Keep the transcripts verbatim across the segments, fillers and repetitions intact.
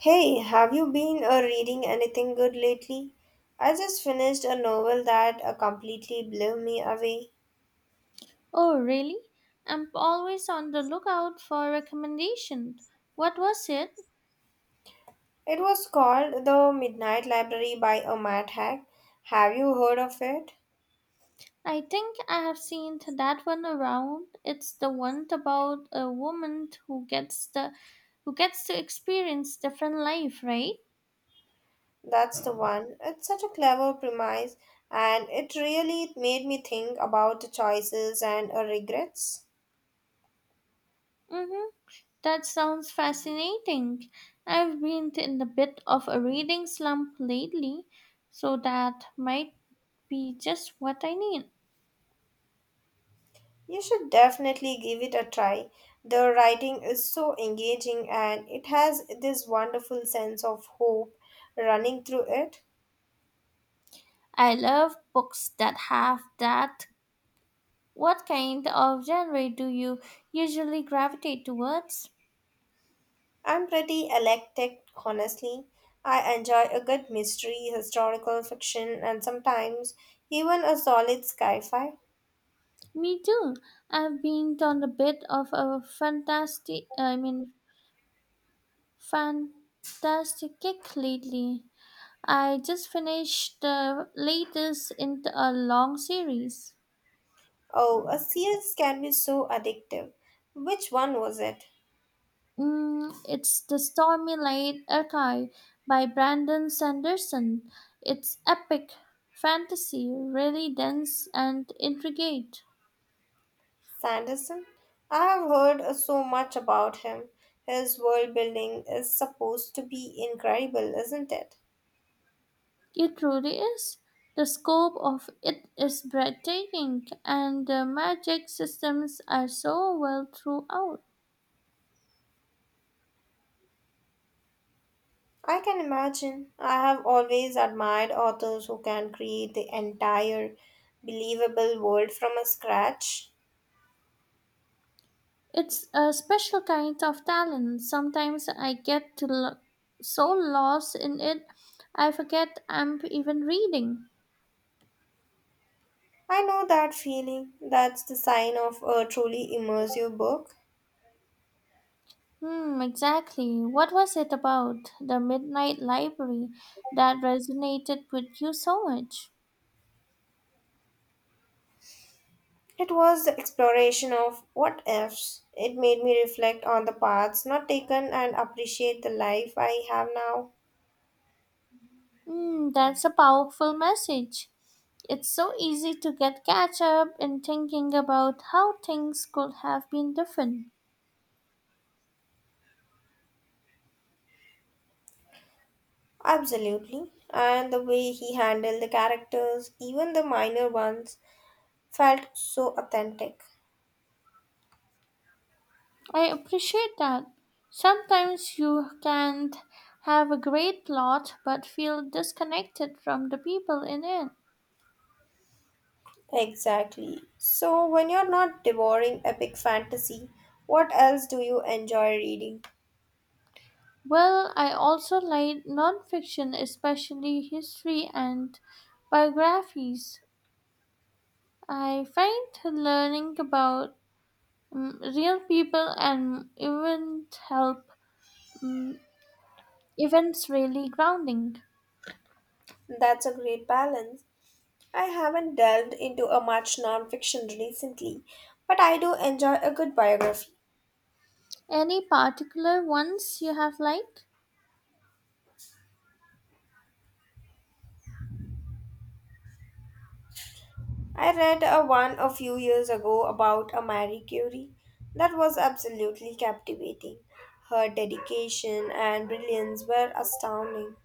Hey, have you been uh, reading anything good lately? I just finished a novel that uh, completely blew me away. Oh, really? I'm always on the lookout for recommendations. What was it? It was called The Midnight Library by a Mad Hack. Have you heard of it? I think I have seen that one around. It's the one about a woman who gets the who gets to experience different life, right? That's the one. It's such a clever premise, and it really made me think about the choices and uh, regrets. Mhm. That sounds fascinating. I've been in a bit of a reading slump lately, so that might be just what I need. You should definitely give it a try. The writing is so engaging, and it has this wonderful sense of hope running through it. I love books that have that What kind of genre do you usually gravitate towards? I'm pretty eclectic, honestly. I enjoy a good mystery, historical fiction, and sometimes even a solid sci fi. Me too. I've been on a bit of a fantastic, I mean, fantastic kick lately. I just finished the latest in a long series. Oh, a series can be so addictive. Which one was it? Mm, it's The Stormy Light Archive by Brandon Sanderson. It's epic fantasy, really dense and intricate. Sanderson? I have heard uh, so much about him. His world building is supposed to be incredible, isn't it? It truly is. The scope of it is breathtaking, and the magic systems are so well throughout. I can imagine. I have always admired authors who can create the entire believable world from a scratch. It's a special kind of talent. Sometimes I get to lo- so lost in it, I forget I'm even reading. I know that feeling. That's the sign of a truly immersive book. Hmm, exactly. What was it about the Midnight Library that resonated with you so much? It was the exploration of what ifs. It made me reflect on the paths not taken and appreciate the life I have now. Mm, that's a powerful message. It's so easy to get catch up in thinking about how things could have been different. Absolutely. And the way he handled the characters, even the minor ones, felt so authentic. I appreciate that. Sometimes you can have a great plot but feel disconnected from the people in it. Exactly. So, when you're not devouring epic fantasy, what else do you enjoy reading? Well, I also like nonfiction, especially history and biographies. I find learning about mm, real people and events help mm, events really grounding. That's a great balance. I haven't delved into a much nonfiction recently, but I do enjoy a good biography. Any particular ones you have liked? I read a one a few years ago about a Marie Curie that was absolutely captivating. Her dedication and brilliance were astounding.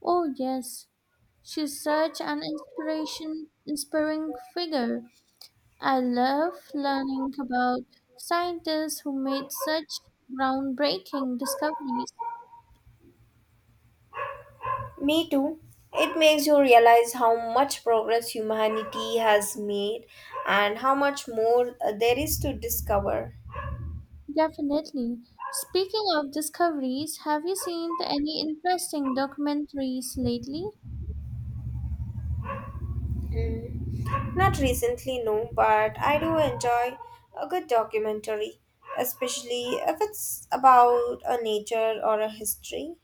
Oh yes, she's such an inspiration inspiring figure. I love learning about scientists who made such groundbreaking discoveries. Me too. It makes you realize how much progress humanity has made and how much more uh, there is to discover. Definitely. Speaking of discoveries, have you seen any interesting documentaries lately? Mm. Not recently, no, but I do enjoy a good documentary, especially if it's about a nature or a history.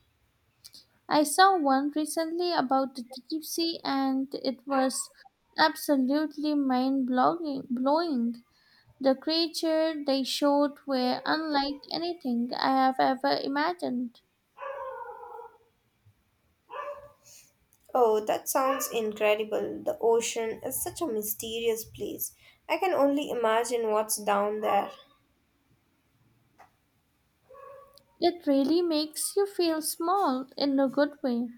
I saw one recently about the deep sea, and it was absolutely mind blowing. The creature they showed were unlike anything I have ever imagined. Oh, that sounds incredible. The ocean is such a mysterious place. I can only imagine what's down there. It really makes you feel small in a good way.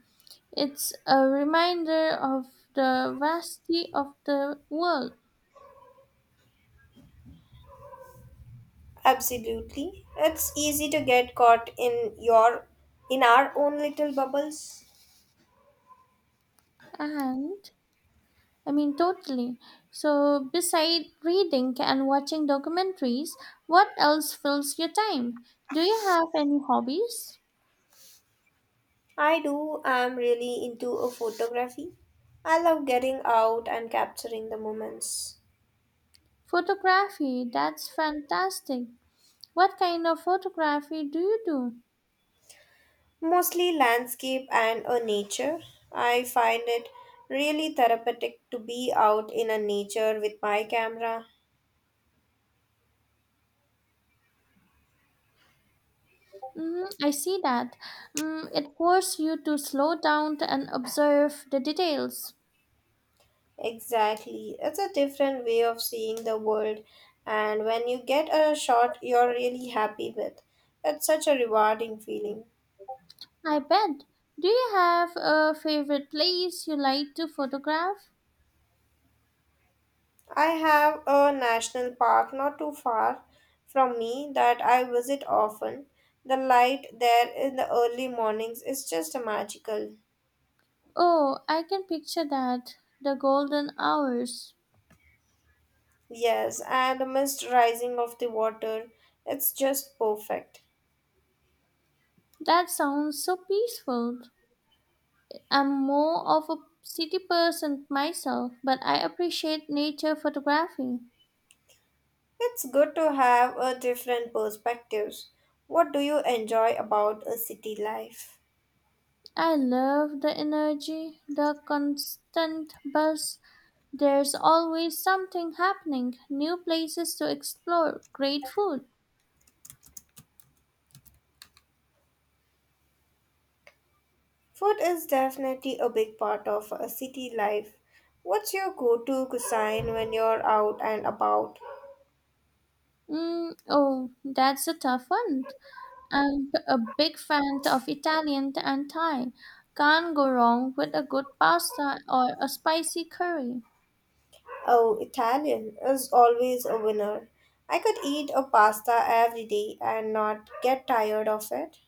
It's a reminder of the vastity of the world. Absolutely. It's easy to get caught in your in our own little bubbles. And I mean, Totally. So, beside reading and watching documentaries, what else fills your time? Do you have any hobbies? I do am really into a photography. I love getting out and capturing the moments. Photography, that's fantastic. What kind of photography do you do? Mostly landscape and uh, nature. I find it really therapeutic to be out in a nature with my camera. Mm, I see that. Mm, it forces you to slow down and observe the details. Exactly. It's a different way of seeing the world, and when you get a shot you're really happy with, it's such a rewarding feeling. I bet. Do you have a favorite place you like to photograph? I have a national park not too far from me that I visit often. The light there in the early mornings is just magical. Oh, I can picture that. The golden hours. Yes, and the mist rising of the water. It's just perfect. That sounds so peaceful. I'm more of a city person myself, but I appreciate nature photography. It's good to have a different perspectives. What do you enjoy about a city life? I love the energy, the constant buzz. There's always something happening, new places to explore, great food. Food is definitely a big part of a city life. What's your go-to cuisine when you're out and about? Mm, oh, that's a tough one. I'm a big fan of Italian and Thai. Can't go wrong with a good pasta or a spicy curry. Oh, Italian is always a winner. I could eat a pasta every day and not get tired of it.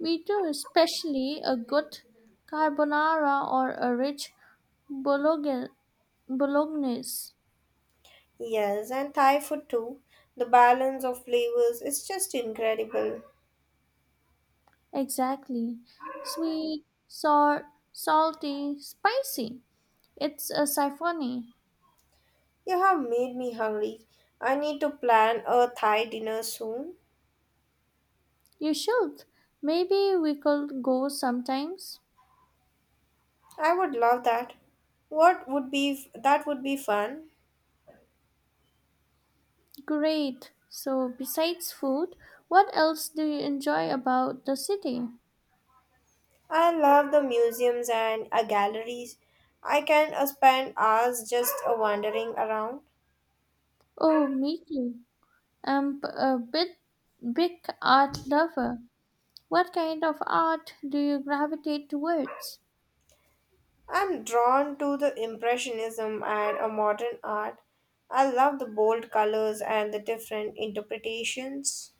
Me too, especially a good carbonara or a rich bolog- bolognese. Yes, and Thai food too. The balance of flavors is just incredible. Exactly. Sweet, sour, salty, spicy. It's a symphony. You have made me hungry. I need to plan a Thai dinner soon. You should. Maybe we could go sometimes. I would love that. What would be that would be fun. Great. So, besides food, what else do you enjoy about the city? I love the museums and uh, galleries. I can uh, spend hours just uh, wandering around. Oh, me too. I'm p- a bit big art lover. What kind of art do you gravitate towards? I'm drawn to the impressionism and uh, modern art. I love the bold colors and the different interpretations.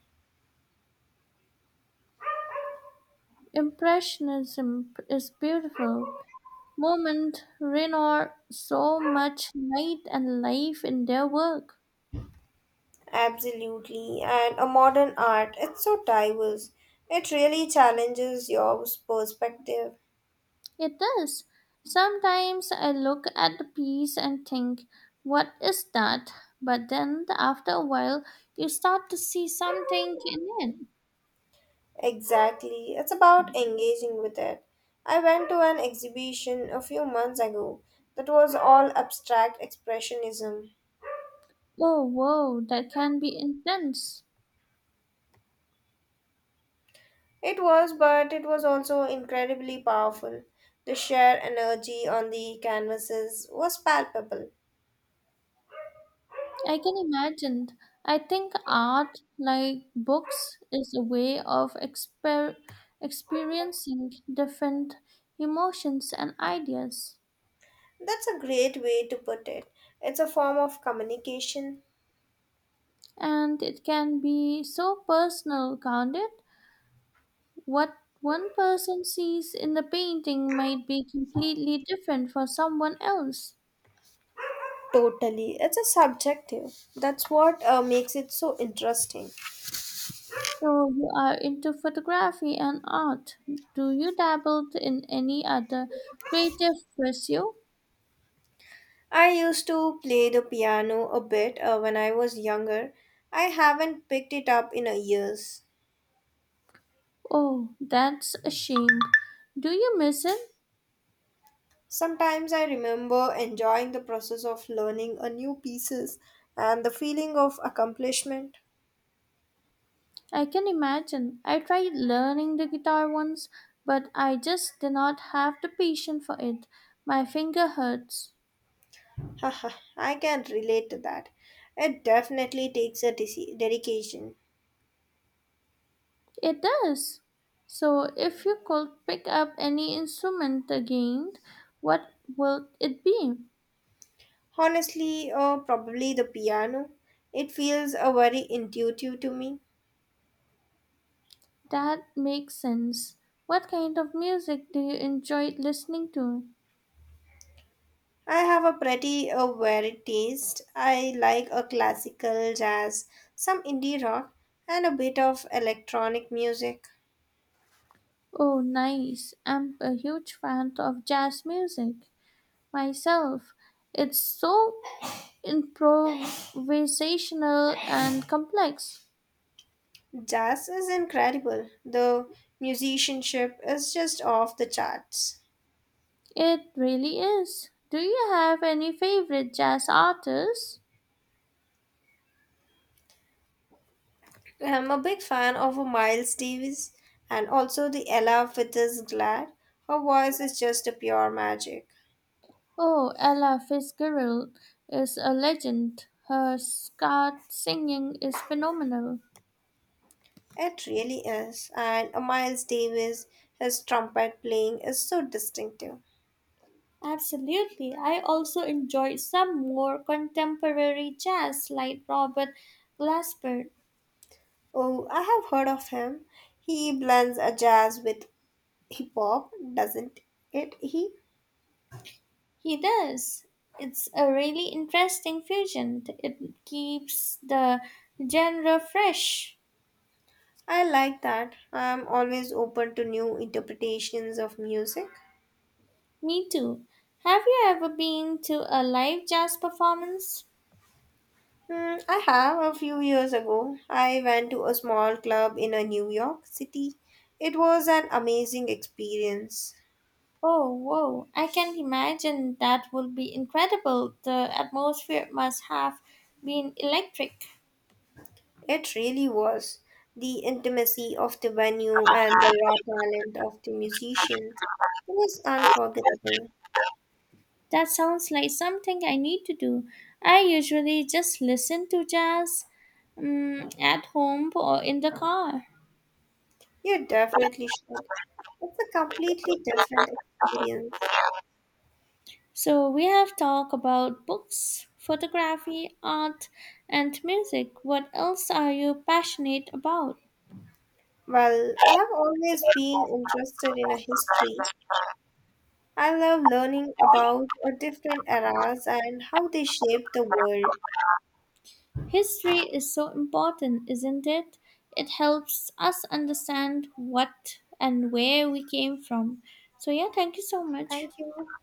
Impressionism is beautiful. Moment Renoir so much light and life in their work. Absolutely. And a modern art, it's so diverse. It really challenges your perspective. It does. Sometimes I look at the piece and think, what is that? But then after a while you start to see something in it. Exactly. It's about engaging with it. I went to an exhibition a few months ago that was all abstract expressionism. Oh whoa, that can be intense. It was, but it was also incredibly powerful. The sheer energy on the canvases was palpable. I can imagine. I think art, like books, is a way of exper- experiencing different emotions and ideas. That's a great way to put it. It's a form of communication. And it can be so personal, can't it? What one person sees in the painting might be completely different for someone else. Totally. It's a subjective. That's what uh, makes it so interesting. So you are into photography and art. Do you dabble in any other creative pursuit? I used to play the piano a bit uh, when I was younger. I haven't picked it up in a years. Oh, that's a shame. Do you miss it? Sometimes I remember enjoying the process of learning a new pieces and the feeling of accomplishment. I can imagine. I tried learning the guitar once, but I just did not have the patience for it. My finger hurts. Haha, I can relate to that. It definitely takes a desi- dedication. It does. So, if you could pick up any instrument again, what would it be? Honestly, uh, probably the piano. It feels uh, very intuitive to me. That makes sense. What kind of music do you enjoy listening to? I have a pretty uh, varied taste. I like a classical jazz, some indie rock, and a bit of electronic music. Oh, nice. I'm a huge fan of jazz music myself. It's so improvisational and complex. Jazz is incredible. The musicianship is just off the charts. It really is. Do you have any favorite jazz artists? I'm a big fan of uh, Miles Davis and also the Ella Fitzgerald. Her voice is just a pure magic. Oh, Ella Fitzgerald is a legend. Her scat singing is phenomenal. It really is. And uh, Miles Davis, his trumpet playing is so distinctive. Absolutely. I also enjoy some more contemporary jazz like Robert Glasper. Oh, I have heard of him. He blends a jazz with hip hop, doesn't it? He He does. It's a really interesting fusion. It keeps the genre fresh. I like that. I am always open to new interpretations of music. Me too. Have you ever been to a live jazz performance? Hmm, I have a few years ago. I went to a small club in a New York City. It was an amazing experience. Oh, whoa. I can imagine that would be incredible. The atmosphere must have been electric. It really was. The intimacy of the venue and the raw talent of the musicians was unforgettable. That sounds like something I need to do. I usually just listen to jazz, mm, at home or in the car. You definitely should. It's a completely different experience. So we have talked about books, photography, art, and music. What else are you passionate about? Well, I have always been interested in a history. I love learning about uh, different eras and how they shaped the world. History is so important, isn't it? It helps us understand what and where we came from. So yeah, thank you so much. Thank you.